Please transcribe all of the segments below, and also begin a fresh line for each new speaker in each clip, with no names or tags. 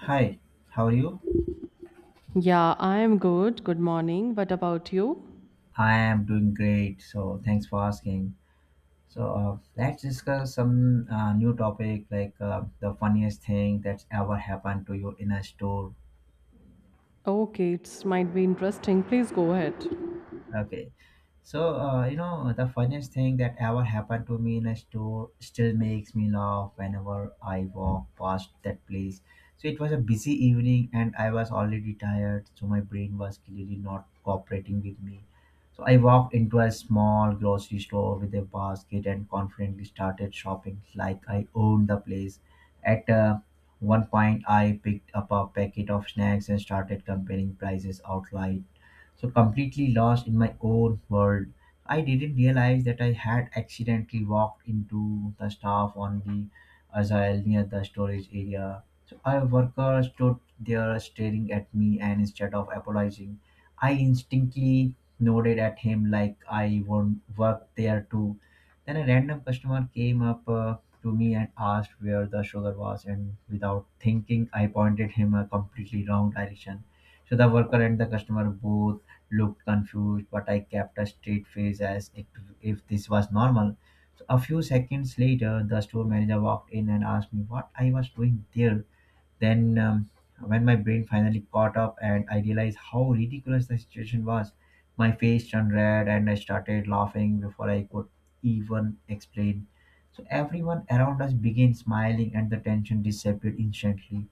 Hi, how are you?
Yeah, I am good. Good morning. What about you?
I am doing great. Thanks for asking. Let's discuss some new topic like the funniest thing that's ever happened to you in a store.
Okay, it might be interesting. Please go ahead.
Okay. The funniest thing that ever happened to me in a store still makes me laugh whenever I walk past that place. It was a busy evening and I was already tired, so my brain was clearly not cooperating with me. I walked into a small grocery store with a basket and confidently started shopping like I owned the place. At one point, I picked up a packet of snacks and started comparing prices out loud, so completely lost in my own world. I didn't realize that I had accidentally walked into the staff on the aisle near the storage area. So a worker stood there staring at me, and instead of apologizing, I instinctively nodded at him like I won't work there too. Then a random customer came up to me and asked where the sugar was, and without thinking I pointed him a completely wrong direction. So the worker and the customer both looked confused, but I kept a straight face as if this was normal. So a few seconds later, the store manager walked in and asked me what I was doing there. Then when my brain finally caught up and I realized how ridiculous the situation was, my face turned red and I started laughing before I could even explain. So everyone around us began smiling and the tension disappeared instantly.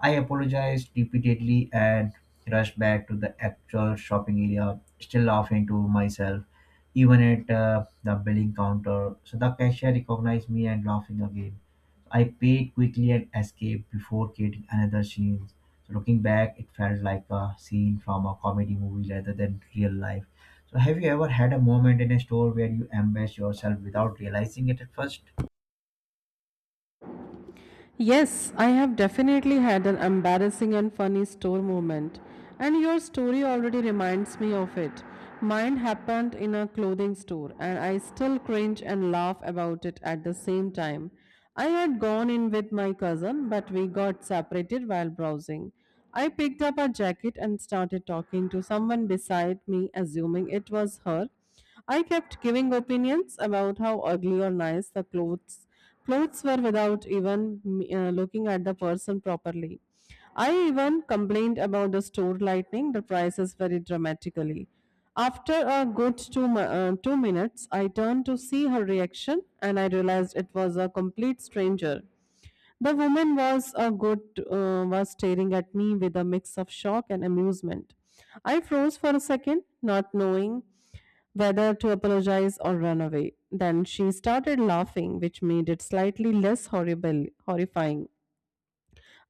I apologized repeatedly and rushed back to the actual shopping area, still laughing to myself, even at the billing counter. So the cashier recognized me and laughing again. I paid quickly and escaped before getting another scene. So looking back, it felt like a scene from a comedy movie rather than real life. So have you ever had a moment in a store where you embarrassed yourself without realizing it at first?
Yes, I have definitely had an embarrassing and funny store moment, and your story already reminds me of it. Mine happened in a clothing store, and I still cringe and laugh about it at the same time. I had gone in with my cousin, but we got separated while browsing. I picked up a jacket and started talking to someone beside me, assuming it was her. I kept giving opinions about how ugly or nice the clothes were without even looking at the person properly. I even complained about the store lightning, the prices very dramatically. After a good 2 minutes, I turned to see her reaction and I realized it was a complete stranger. The woman was a good was staring at me with a mix of shock and amusement. I froze for a second, not knowing whether to apologize or run away. Then she started laughing, which made it slightly less horrifying.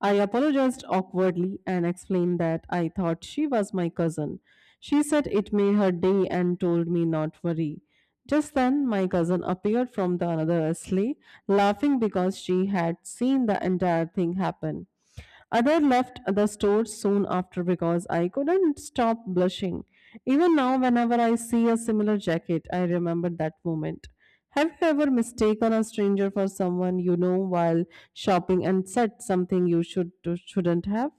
I apologized awkwardly and explained that I thought she was my cousin. She said it made her day and told me not worry. Just then my cousin appeared from the another sleigh, laughing because she had seen the entire thing happen. Other left the store soon after because I couldn't stop blushing. Even now, whenever I see a similar jacket, I remember that moment. Have you ever mistaken a stranger for someone you know while shopping and said something you shouldn't have?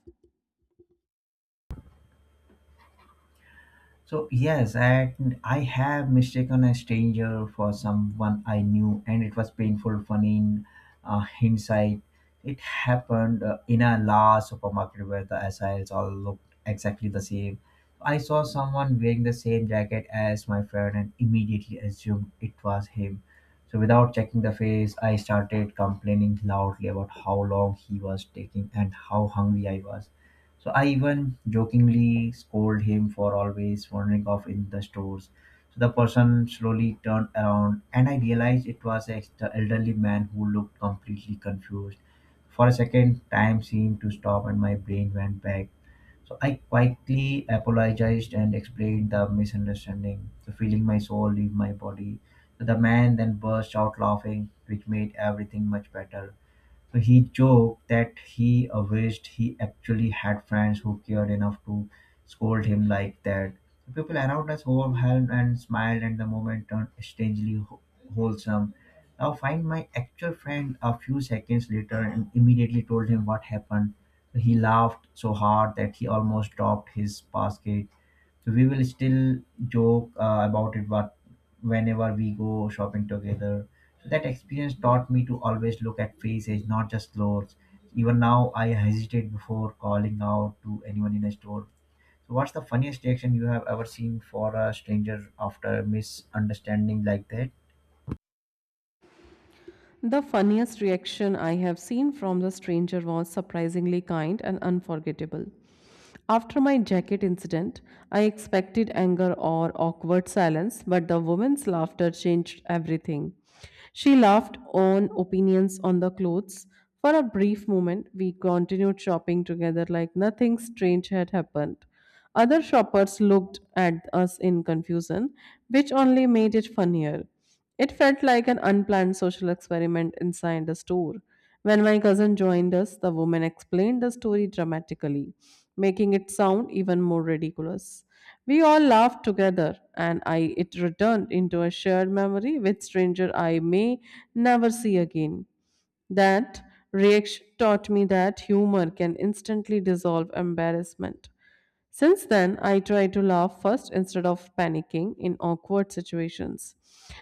So yes, and I have mistaken a stranger for someone I knew, and it was painful. Funny in hindsight, it happened in a large supermarket where the SILs all looked exactly the same. I saw someone wearing the same jacket as my friend and immediately assumed it was him. So without checking the face, I started complaining loudly about how long he was taking and how hungry I was. So I even jokingly scold him for always wandering off in the stores. So the person slowly turned around and I realized it was an elderly man who looked completely confused. For a second, time seemed to stop and my brain went back. So I quietly apologized and explained the misunderstanding, so feeling my soul leave my body. So the man then burst out laughing, which made everything much better. So he joked that he wished he actually had friends who cared enough to scold him like that. People around us overwhelmed and smiled, and the moment turned strangely wholesome. Now, find my actual friend a few seconds later and immediately told him what happened. He laughed so hard that he almost dropped his basket. So we will still joke about it but whenever we go shopping together, so that experience taught me to always look at faces, not just clothes. Even now I hesitate before calling out to anyone in a store. So what's the funniest reaction you have ever seen for a stranger after misunderstanding like that?
The funniest reaction I have seen from the stranger was surprisingly kind and unforgettable. After my jacket incident, I expected anger or awkward silence, but the woman's laughter changed everything. She laughed on opinions on the clothes. For a brief moment, we continued shopping together like nothing strange had happened. Other shoppers looked at us in confusion, which only made it funnier. It felt like an unplanned social experiment inside the store. When my cousin joined us, the woman explained the story dramatically, making it sound even more ridiculous. We all laughed together, and I it returned into a shared memory with stranger I may never see again. That reaction taught me that humor can instantly dissolve embarrassment. Since then, I try to laugh first instead of panicking in awkward situations.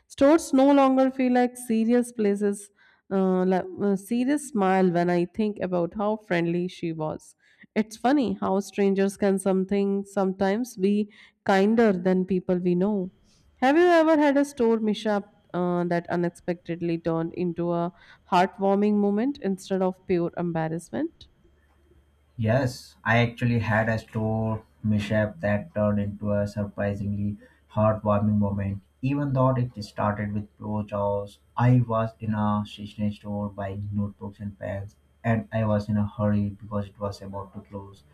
Stores no longer feel like serious places, serious smile when I think about how friendly she was. It's funny how strangers can something sometimes be kinder than people we know. Have you ever had a store mishap that unexpectedly turned into a heartwarming moment instead of pure embarrassment?
Yes, I actually had a store mishap that turned into a surprisingly heartwarming moment. Even though it started with poor jaws, I was in a stationery store buying notebooks and pens, and I was in a hurry because it was about to close.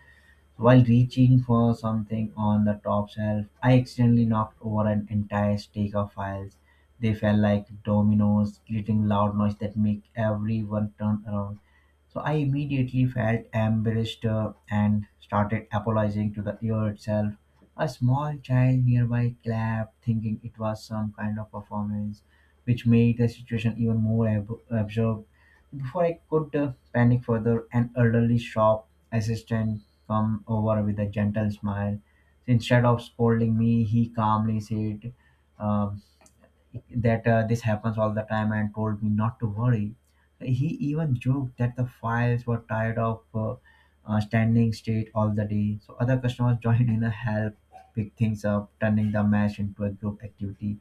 While reaching for something on the top shelf, I accidentally knocked over an entire stack of files. They fell like dominoes, creating loud noise that make everyone turn around. So I immediately felt embarrassed and started apologizing to the ear itself. A small child nearby clapped, thinking it was some kind of performance, which made the situation even more absurd. Before I could panic further, an elderly shop assistant come over with a gentle smile. Instead of scolding me, he calmly said um, that this happens all the time and told me not to worry. He even joked that the files were tired of standing straight all the day. So other customers joined in a help pick things up, turning the match into a group activity.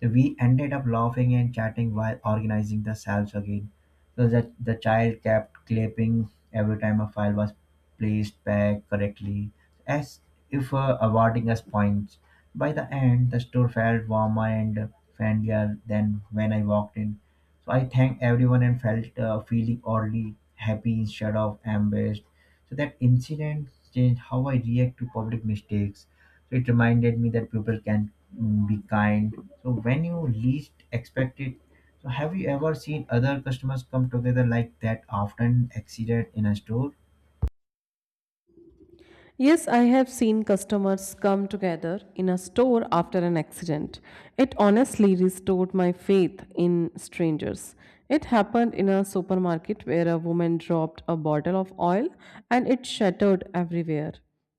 We ended up laughing and chatting while organizing the salves again. So that the child kept clapping every time a file was placed back correctly, as if awarding us points. By the end, the store felt warmer and friendlier than when I walked in. So I thanked everyone and felt feeling oddly happy instead of embarrassed. So that incident changed how I react to public mistakes, so it reminded me that people can be kind. So when you least expect it, so have you ever seen other customers come together like that often, an accident in a store?
Yes, I have seen customers come together in a store after an accident. It honestly restored my faith in strangers. It happened in a supermarket where a woman dropped a bottle of oil and it shattered everywhere.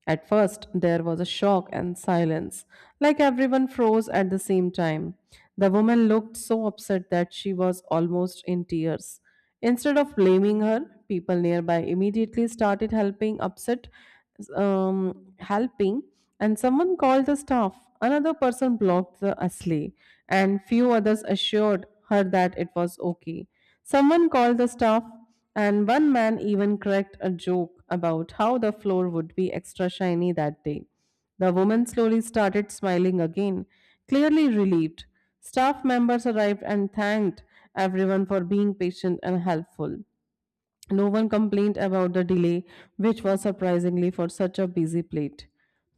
At first, there was a shock and silence, like everyone froze at the same time. The woman looked so upset that she was almost in tears. Instead of blaming her, people nearby immediately started helping, and someone called the staff. Another person blocked the sleigh, and few others assured her that it was okay. Someone called the staff and one man even cracked a joke about how the floor would be extra shiny that day. The woman slowly started smiling again, clearly relieved. Staff members arrived and thanked everyone for being patient and helpful. No one complained about the delay, which was surprisingly for such a busy plate.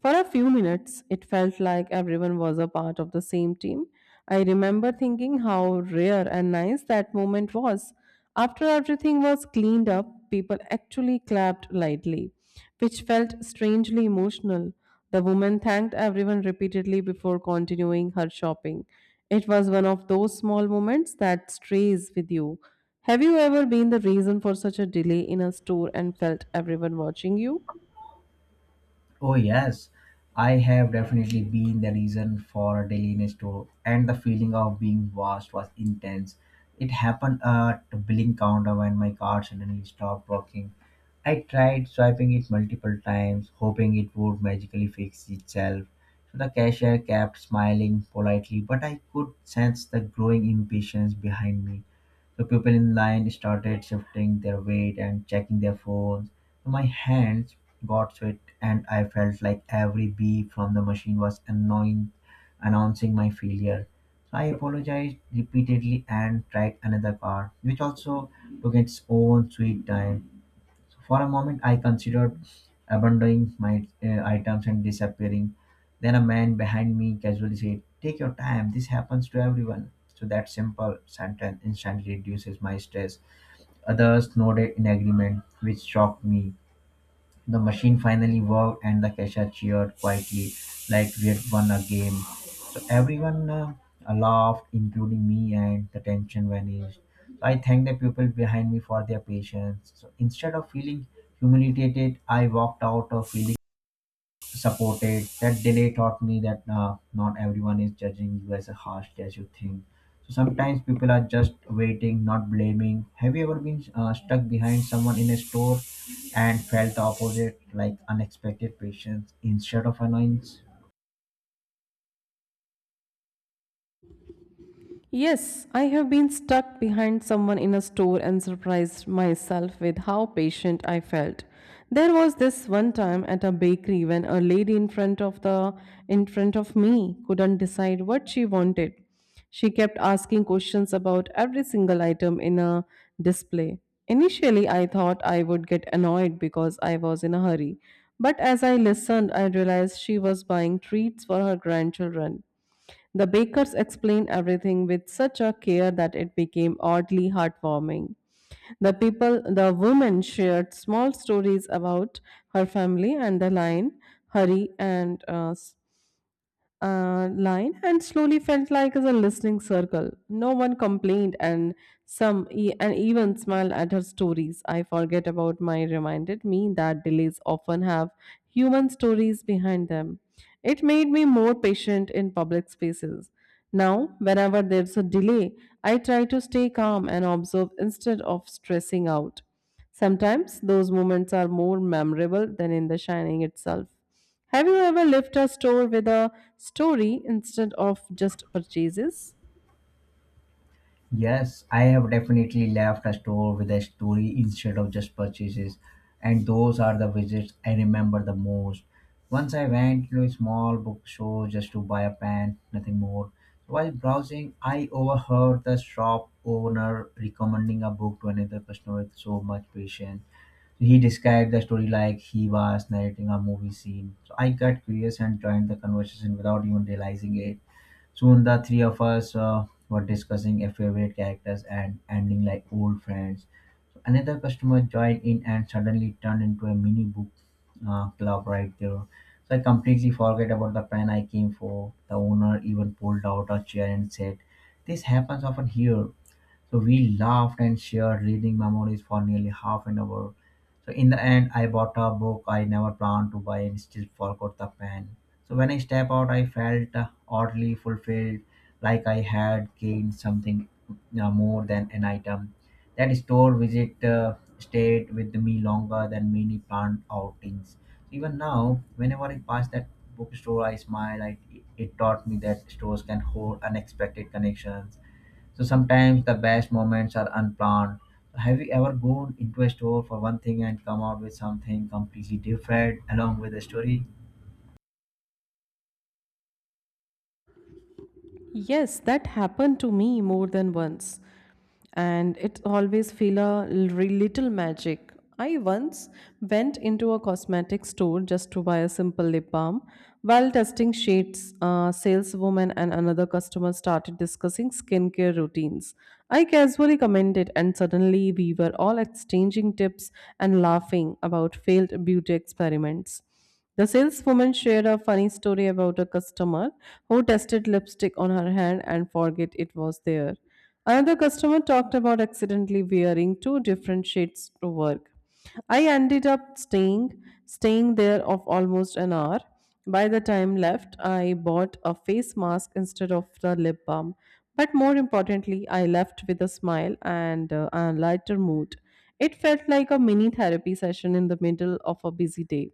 For a few minutes, it felt like everyone was a part of the same team. I remember thinking how rare and nice that moment was. After everything was cleaned up, people actually clapped lightly which felt strangely emotional. The woman thanked everyone repeatedly before continuing her shopping. It was one of those small moments that stays with you. Have you ever been the reason for such a delay in a store and felt everyone watching you?
Oh yes, I have definitely been the reason for a dailiness tour, and the feeling of being watched was intense. It happened at the billing counter when my card suddenly stopped working. I tried swiping it multiple times, hoping it would magically fix itself. So the cashier kept smiling politely, but I could sense the growing impatience behind me. So people in line started shifting their weight and checking their phones. So my hands got sweat, and I felt like every beep from the machine was annoying, announcing my failure. So I apologized repeatedly and tried another car, which also took its own sweet time. So for a moment, I considered abandoning my items and disappearing. Then a man behind me casually said, "Take your time, this happens to everyone." So that simple sentence instantly reduces my stress. Others nodded in agreement, which shocked me. The machine finally worked, and the cashier cheered quietly, like we had won a game. So everyone laughed, including me, and the tension vanished. So I thanked the people behind me for their patience. So instead of feeling humiliated, I walked out of feeling support it. That delay taught me that not everyone is judging you as a harsh as you think. So sometimes people are just waiting, not blaming. Have you ever been stuck behind someone in a store and felt the opposite, like unexpected patience instead of annoyance?
Yes, I have been stuck behind someone in a store and surprised myself with how patient I felt. There was this one time at a bakery when a lady in front of me couldn't decide what she wanted. She kept asking questions about every single item in a display. Initially, I thought I would get annoyed because I was in a hurry, but as I listened, I realized she was buying treats for her grandchildren. The bakers explained everything with such a care that it became oddly heartwarming. The people, the woman shared small stories about her family and the lion, Hari, and uh, s- line and slowly felt like as a listening circle. No one complained, and even smiled at her stories. I forget about my reminded me that delays often have human stories behind them. It made me more patient in public spaces. Now, whenever there's a delay, I try to stay calm and observe instead of stressing out. Sometimes those moments are more memorable than in the shining itself. Have you ever left a store with a story instead of just purchases?
Yes, I have definitely left a store with a story instead of just purchases, and those are the visits I remember the most. Once I went to a small bookstore just to buy a pen, nothing more. While browsing, I overheard the shop owner recommending a book to another customer with so much patience. He described the story like he was narrating a movie scene. So I got curious and joined the conversation without even realizing it. Soon the three of us were discussing a favorite characters and ending like old friends. Another customer joined in and suddenly turned into a mini book club right there. So I completely forget about the pen I came for. The owner even pulled out a chair and said, "This happens often here." So we laughed and shared reading memories for nearly half an hour. So in the end, I bought a book I never planned to buy and still forgot the pen. So when I step out, I felt oddly fulfilled, like I had gained something more than an item. That store visit stayed with me longer than many planned outings. Even now, whenever I pass that bookstore, I smile. It taught me that stores can hold unexpected connections, so sometimes the best moments are unplanned. Have you ever gone into a store for one thing and come out with something completely different along with the story?
Yes, that happened to me more than once. And it always feel a little magic. I once went into a cosmetic store just to buy a simple lip balm. While testing shades, a saleswoman and another customer started discussing skincare routines. I casually commented, and suddenly we were all exchanging tips and laughing about failed beauty experiments. The saleswoman shared a funny story about a customer who tested lipstick on her hand and forget it was there. Another customer talked about accidentally wearing two different shades to work. I ended up staying there of almost an hour. By the time left, I bought a face mask instead of the lip balm. But more importantly, I left with a smile and a lighter mood. It felt like a mini therapy session in the middle of a busy day.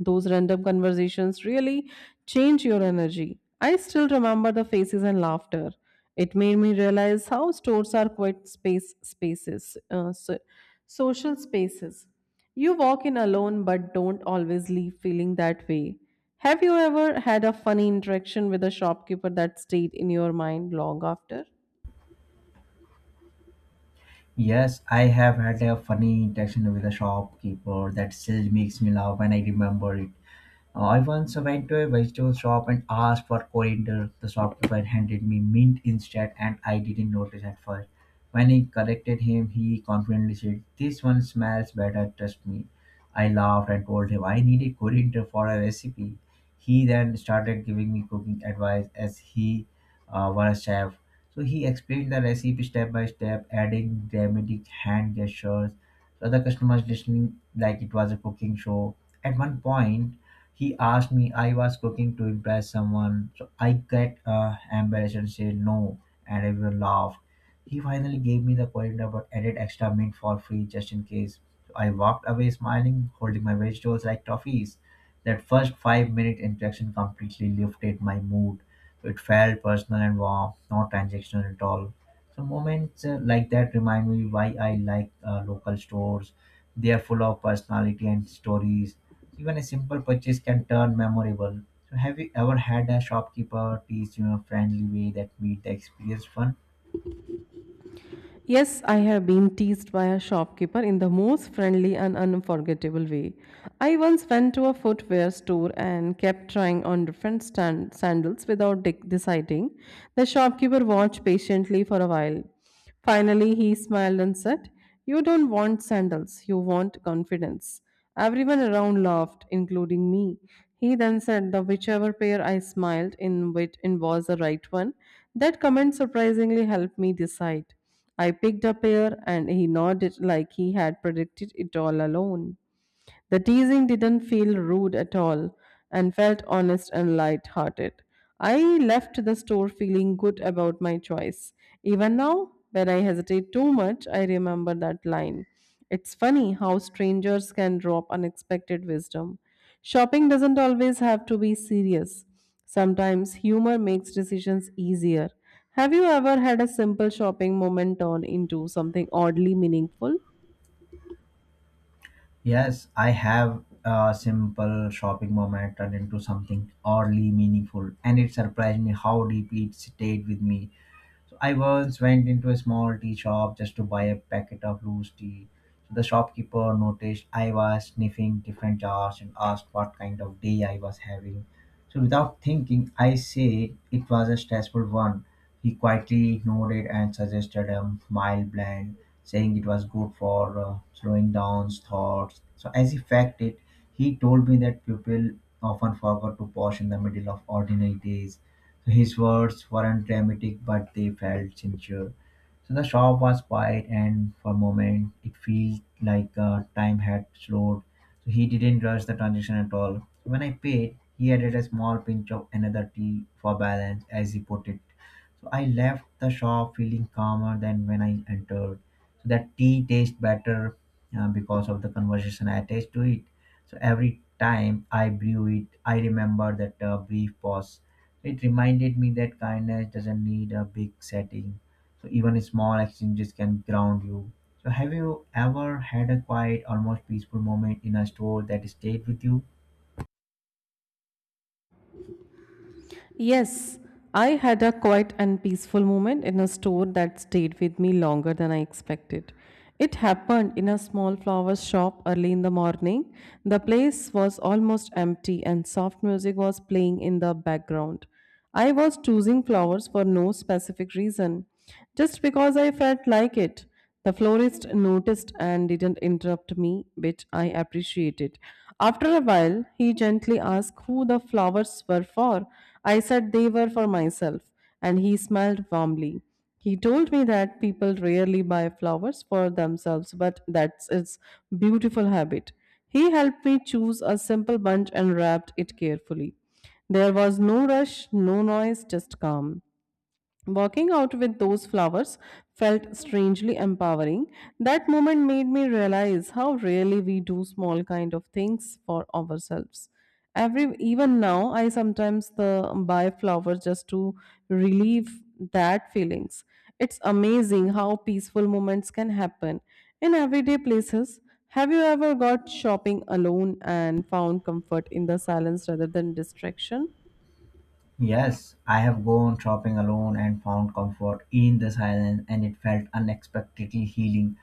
Those random conversations really change your energy. I still remember the faces and laughter. It made me realize how stores are quite social spaces. You walk in alone but don't always leave feeling that way. Have you ever had a funny interaction with a shopkeeper that stayed in your mind long after?
Yes, I have had a funny interaction with a shopkeeper that still makes me laugh when I remember it. I once went to a vegetable shop and asked for coriander. The shopkeeper handed me mint instead, and I didn't notice at first. When I corrected him, he confidently said, "This one smells better, trust me." I laughed and told him I needed coriander for a recipe. He then started giving me cooking advice as he were a chef. So he explained the recipe step by step, adding dramatic hand gestures. So the customers listening like it was a cooking show. At one point, he asked me I was cooking to impress someone, so I got embarrassed and said no, and everyone laughed. He finally gave me the coriander but added extra mint for free, just in case. So I walked away smiling, holding my vegetables like trophies. That first 5-minute interaction completely lifted my mood. So it felt personal and warm, not transactional at all. So moments like that remind me why I like local stores. They are full of personality and stories. Even a simple purchase can turn memorable. So, have you ever had a shopkeeper teach you a friendly way that made the experience fun?
Yes, I have been teased by a shopkeeper in the most friendly and unforgettable way. I once went to a footwear store and kept trying on different sandals without deciding. The shopkeeper watched patiently for a while. Finally, he smiled and said, "You don't want sandals, you want confidence." Everyone around laughed, including me. He then said that whichever pair I smiled in was the right one. That comment surprisingly helped me decide. I picked a pear and he nodded like he had predicted it all alone. The teasing didn't feel rude at all and felt honest and light hearted. I left the store feeling good about my choice. Even now, when I hesitate too much, I remember that line. It's funny how strangers can drop unexpected wisdom. Shopping doesn't always have to be serious. Sometimes humor makes decisions easier. Have you ever had a simple shopping moment turn into something oddly meaningful?
Yes, I have a simple shopping moment turned into something oddly meaningful, and it surprised me how deeply it stayed with me. So I once went into a small tea shop just to buy a packet of loose tea. So the shopkeeper noticed I was sniffing different jars and asked what kind of day I was having. So without thinking, I said it was a stressful one. He quietly nodded and suggested a mild blend, saying it was good for slowing down thoughts. So as he fact it, he told me that people often forgot to pause in the middle of ordinary days his words weren't dramatic, but they felt sincere. So the shop was quiet, and for a moment, it felt like time had slowed. So he didn't rush the transaction at all. When I paid, he added a small pinch of another tea for balance, as he put it. So I left the shop feeling calmer than when I entered. So that tea tastes better because of the conversation I attached to it. So every time I brew it, I remember that brief pause. It reminded me that kindness doesn't need a big setting. So even small exchanges can ground you. So have you ever had a quiet, almost peaceful moment in a store that stayed with you?
Yes, I had a quiet and peaceful moment in a store that stayed with me longer than I expected. It happened in a small flower shop early in the morning. The place was almost empty and soft music was playing in the background. I was choosing flowers for no specific reason, just because I felt like it. The florist noticed and didn't interrupt me, which I appreciated. After a while, he gently asked who the flowers were for. I said they were for myself, and he smiled warmly. He told me that people rarely buy flowers for themselves, but that's its beautiful habit. He helped me choose a simple bunch and wrapped it carefully. There was no rush, no noise, just calm. Walking out with those flowers felt strangely empowering. That moment made me realize how rarely we do small kind of things for ourselves. Every even now I sometimes the buy flowers just to relieve that feelings. It's amazing how peaceful moments can happen in everyday places. Have you ever got shopping alone and found comfort in the silence rather than distraction?
Yes, I have gone shopping alone and found comfort in the silence, and it felt unexpectedly healing.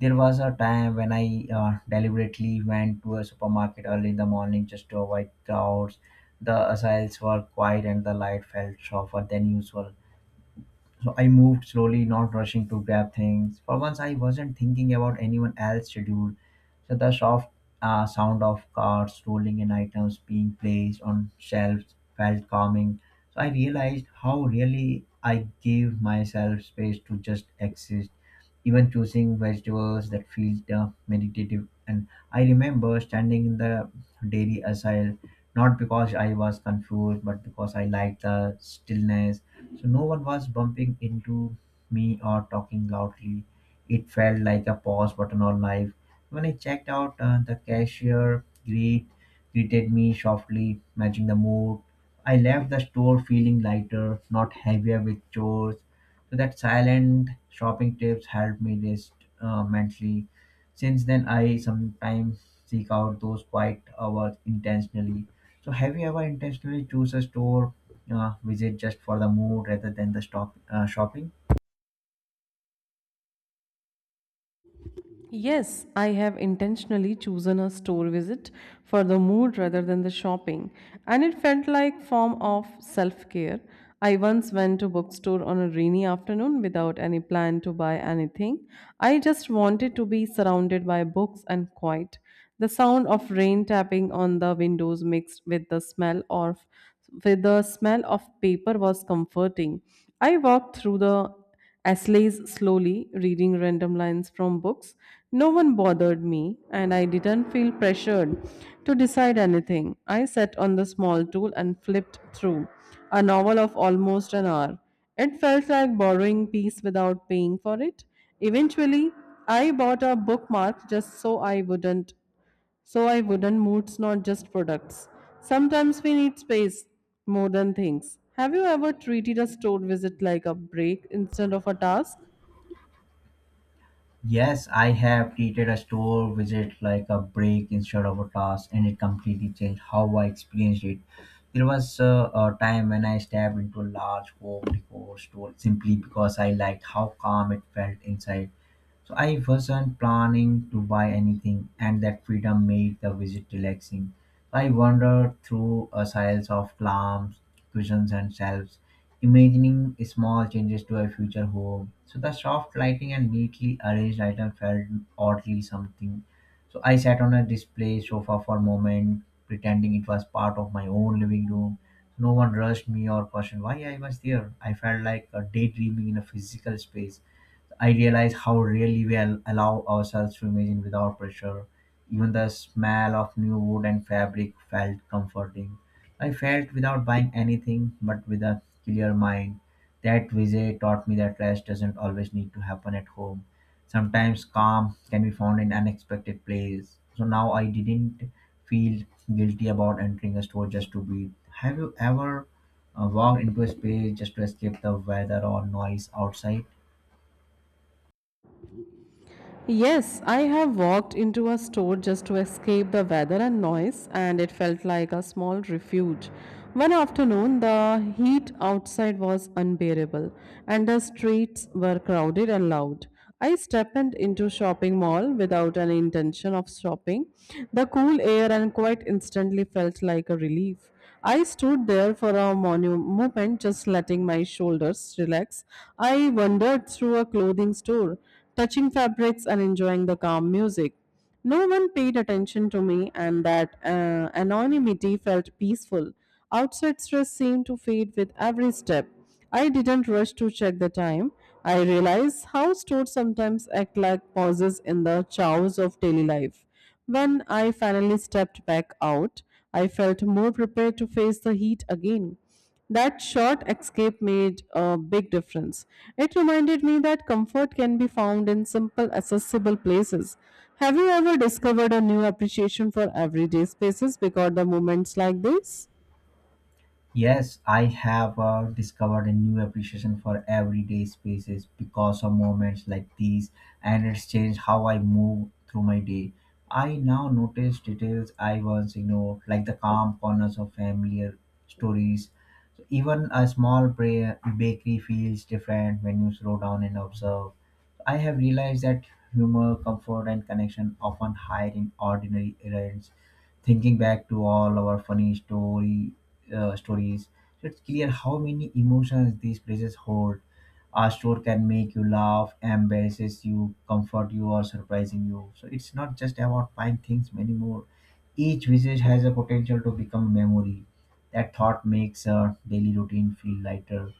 There was a time when I deliberately went to a supermarket early in the morning just to avoid crowds. The aisles were quiet and the light felt softer than usual. So I moved slowly, not rushing to grab things. For once, I wasn't thinking about anyone else's schedule. So the soft sound of carts rolling and items being placed on shelves felt calming. So I realized how really I gave myself space to just exist, even choosing vegetables that feel meditative. And I remember standing in the dairy aisle, not because I was confused, but because I liked the stillness so no one was bumping into me or talking loudly. It felt like a pause button on life. When I checked out, the greeted me softly, matching the mood. I left the store feeling lighter, not heavier with chores. So that silent shopping tips helped me rest mentally. Since then, I sometimes seek out those quiet hours intentionally. So, have you ever intentionally choose a store visit just for the mood rather than the stop shopping.
Yes, I have intentionally chosen a store visit for the mood rather than the shopping, and it felt like form of self-care. I once went to bookstore on a rainy afternoon without any plan to buy anything. I just wanted to be surrounded by books and quiet. The sound of rain tapping on the windows mixed with the smell of with the smell of paper was comforting. I walked through the Asleys slowly, reading random lines from books. No one bothered me, and I didn't feel pressured to decide anything. I sat on the small stool and flipped through a novel of almost an hour. It felt like borrowing peace without paying for it. Eventually, I bought a bookmark just so I wouldn't moods, not just products. Sometimes we need space more than things. Have you ever treated a store visit like a break instead of a task?
Yes, I have treated a store visit like a break instead of a task, and it completely changed how I experienced it. There was a time when I stepped into a large home decor store simply because I liked how calm it felt inside. So I wasn't planning to buy anything, and that freedom made the visit relaxing. So, I wandered through a aisles of lamps, cushions, and shelves, imagining small changes to a future home. So the soft lighting and neatly arranged items felt oddly something. So I sat on a display sofa for a moment, pretending it was part of my own living room. No one rushed me or questioned why I was there. I felt like a daydreaming in a physical space. I realize how rarely we allow ourselves to imagine without pressure. Even the smell of new wood and fabric felt comforting. I felt without buying anything, but with a clear mind. That visit taught me that rest doesn't always need to happen at home. Sometimes calm can be found in unexpected places. So now I didn't feel guilty about entering a store just to breathe. Have you ever walked into a space just to escape the weather or noise outside?
Yes, I have walked into a store just to escape the weather and noise, and it felt like a small refuge. One afternoon, the heat outside was unbearable, and the streets were crowded and loud. I stepped into shopping mall without any intention of shopping. The cool air and quiet instantly felt like a relief. I stood there for a moment, just letting my shoulders relax. I wandered through a clothing store, touching fabrics and enjoying the calm music. No one paid attention to me, and that anonymity felt peaceful. Outside stress seemed to fade with every step. I didn't rush to check the time. I realized how stores sometimes act like pauses in the chaos of daily life. When I finally stepped back out, I felt more prepared to face the heat again. That short escape made a big difference. It reminded me that comfort can be found in simple, accessible places. Have you ever discovered a new appreciation for everyday spaces because of moments like this?
Yes, I have discovered a new appreciation for everyday spaces because of moments like these, and it's changed how I move through my day. I now notice details I once ignored, like the calm corners of familiar stories. Even a small prayer bakery feels different when you slow down and observe. I have realized that humor, comfort, and connection often hide in ordinary events. Thinking back to all our funny story stories, it's clear how many emotions these places hold. A store can make you laugh, embarrasses you, comfort you, or surprising you. So it's not just about buying things, many more. Each visit has a potential to become a memory. That thought makes a daily routine feel lighter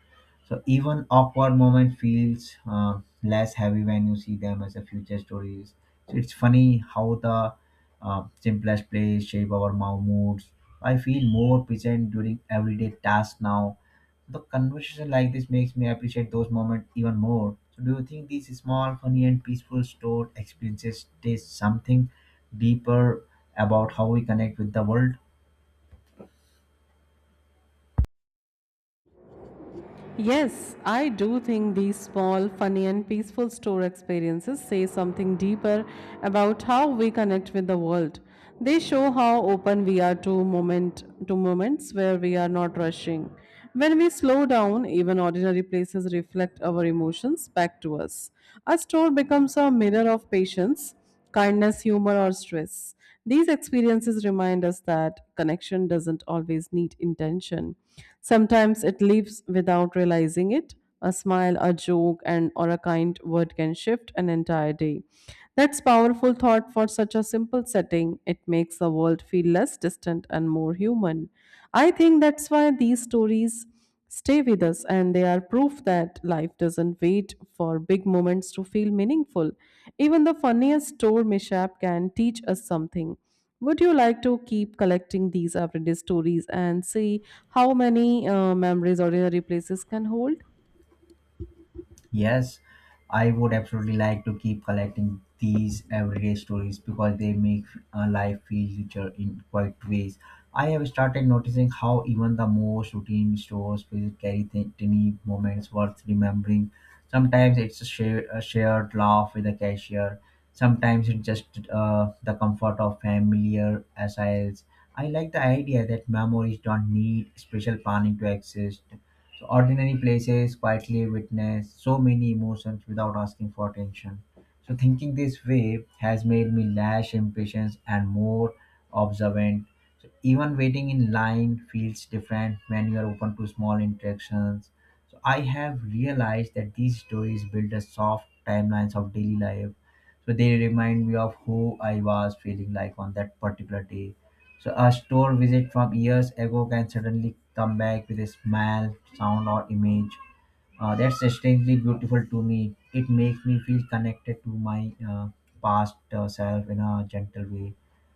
so even awkward moment feels less heavy when you see them as a future stories. So it's funny how the simplest plays shape our moods. I feel more present during everyday tasks now. The conversation like this makes me appreciate those moments even more. So do you think these small, funny, and peaceful stored experiences taste something deeper about how we connect with the world?
Yes, I do think these small, funny, and peaceful store experiences say something deeper about how we connect with the world. They show how open we are to moment to moments where we are not rushing. When we slow down, even ordinary places reflect our emotions back to us. A store becomes a mirror of patience, kindness, humor, or stress. These experiences remind us that connection doesn't always need intention. Sometimes it leaves without realizing it. A smile, a joke, and or a kind word can shift an entire day. That's powerful thought for such a simple setting. It makes the world feel less distant and more human. I think that's why these stories stay with us, and they are proof that life doesn't wait for big moments to feel meaningful. Even the funniest store mishap can teach us something. Would you like to keep collecting these everyday stories and see how many memories ordinary places can hold?
Yes, I would absolutely like to keep collecting these everyday stories because they make life feel richer in quite ways. I have started noticing how even the most routine stores will carry tiny moments worth remembering. Sometimes it's a shared laugh with the cashier. Sometimes it's just the comfort of familiar aisles. I like the idea that memories don't need special planning to exist. So ordinary places quietly witness so many emotions without asking for attention. So thinking this way has made me less impatient and more observant. So even waiting in line feels different when you are open to small interactions. So I have realized that these stories build a soft timelines of daily life. So they remind me of who I was feeling like on that particular day so a store visit from years ago can suddenly come back with a smell, sound, or image that's strangely beautiful to me. It makes me feel connected to my past self in a gentle way.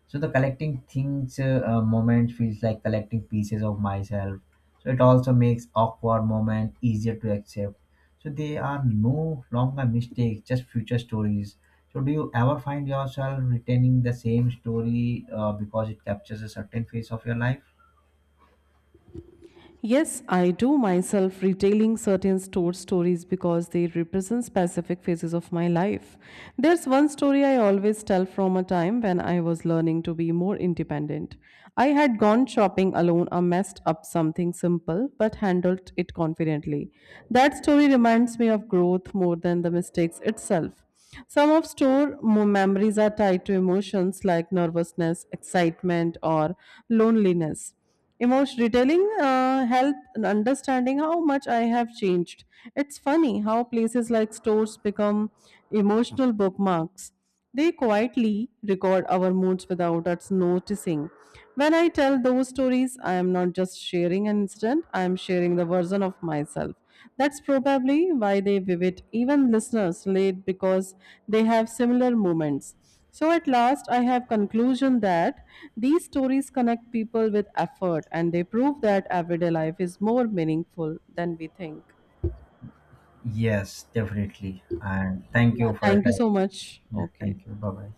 So the collecting things moment feels like collecting pieces of myself. So it also makes awkward moment easier to accept. So they are no longer mistakes, just future stories. So do you ever find yourself retaining the same story because it captures a certain phase of your life?
Yes, I do myself retailing certain store stories because they represent specific phases of my life. There's one story I always tell from a time when I was learning to be more independent. I had gone shopping alone or messed up something simple but handled it confidently. That story reminds me of growth more than the mistakes itself. Some of store memories are tied to emotions like nervousness, excitement, or loneliness. Emotion detailing help in understanding how much I have changed. It's funny how places like stores become emotional bookmarks. They quietly record our moods without us noticing. When I tell those stories, I am not just sharing an incident, I am sharing the version of myself. That's probably why they vivid. Even listeners relate because they have similar moments. So at last, I have conclusion that these stories connect people with effort, and they prove that everyday life is more meaningful than we think.
Yes, definitely. And thank
Yeah,
you for your
thank you
time.
so much.
Yeah,
Okay.
thank you. Bye bye.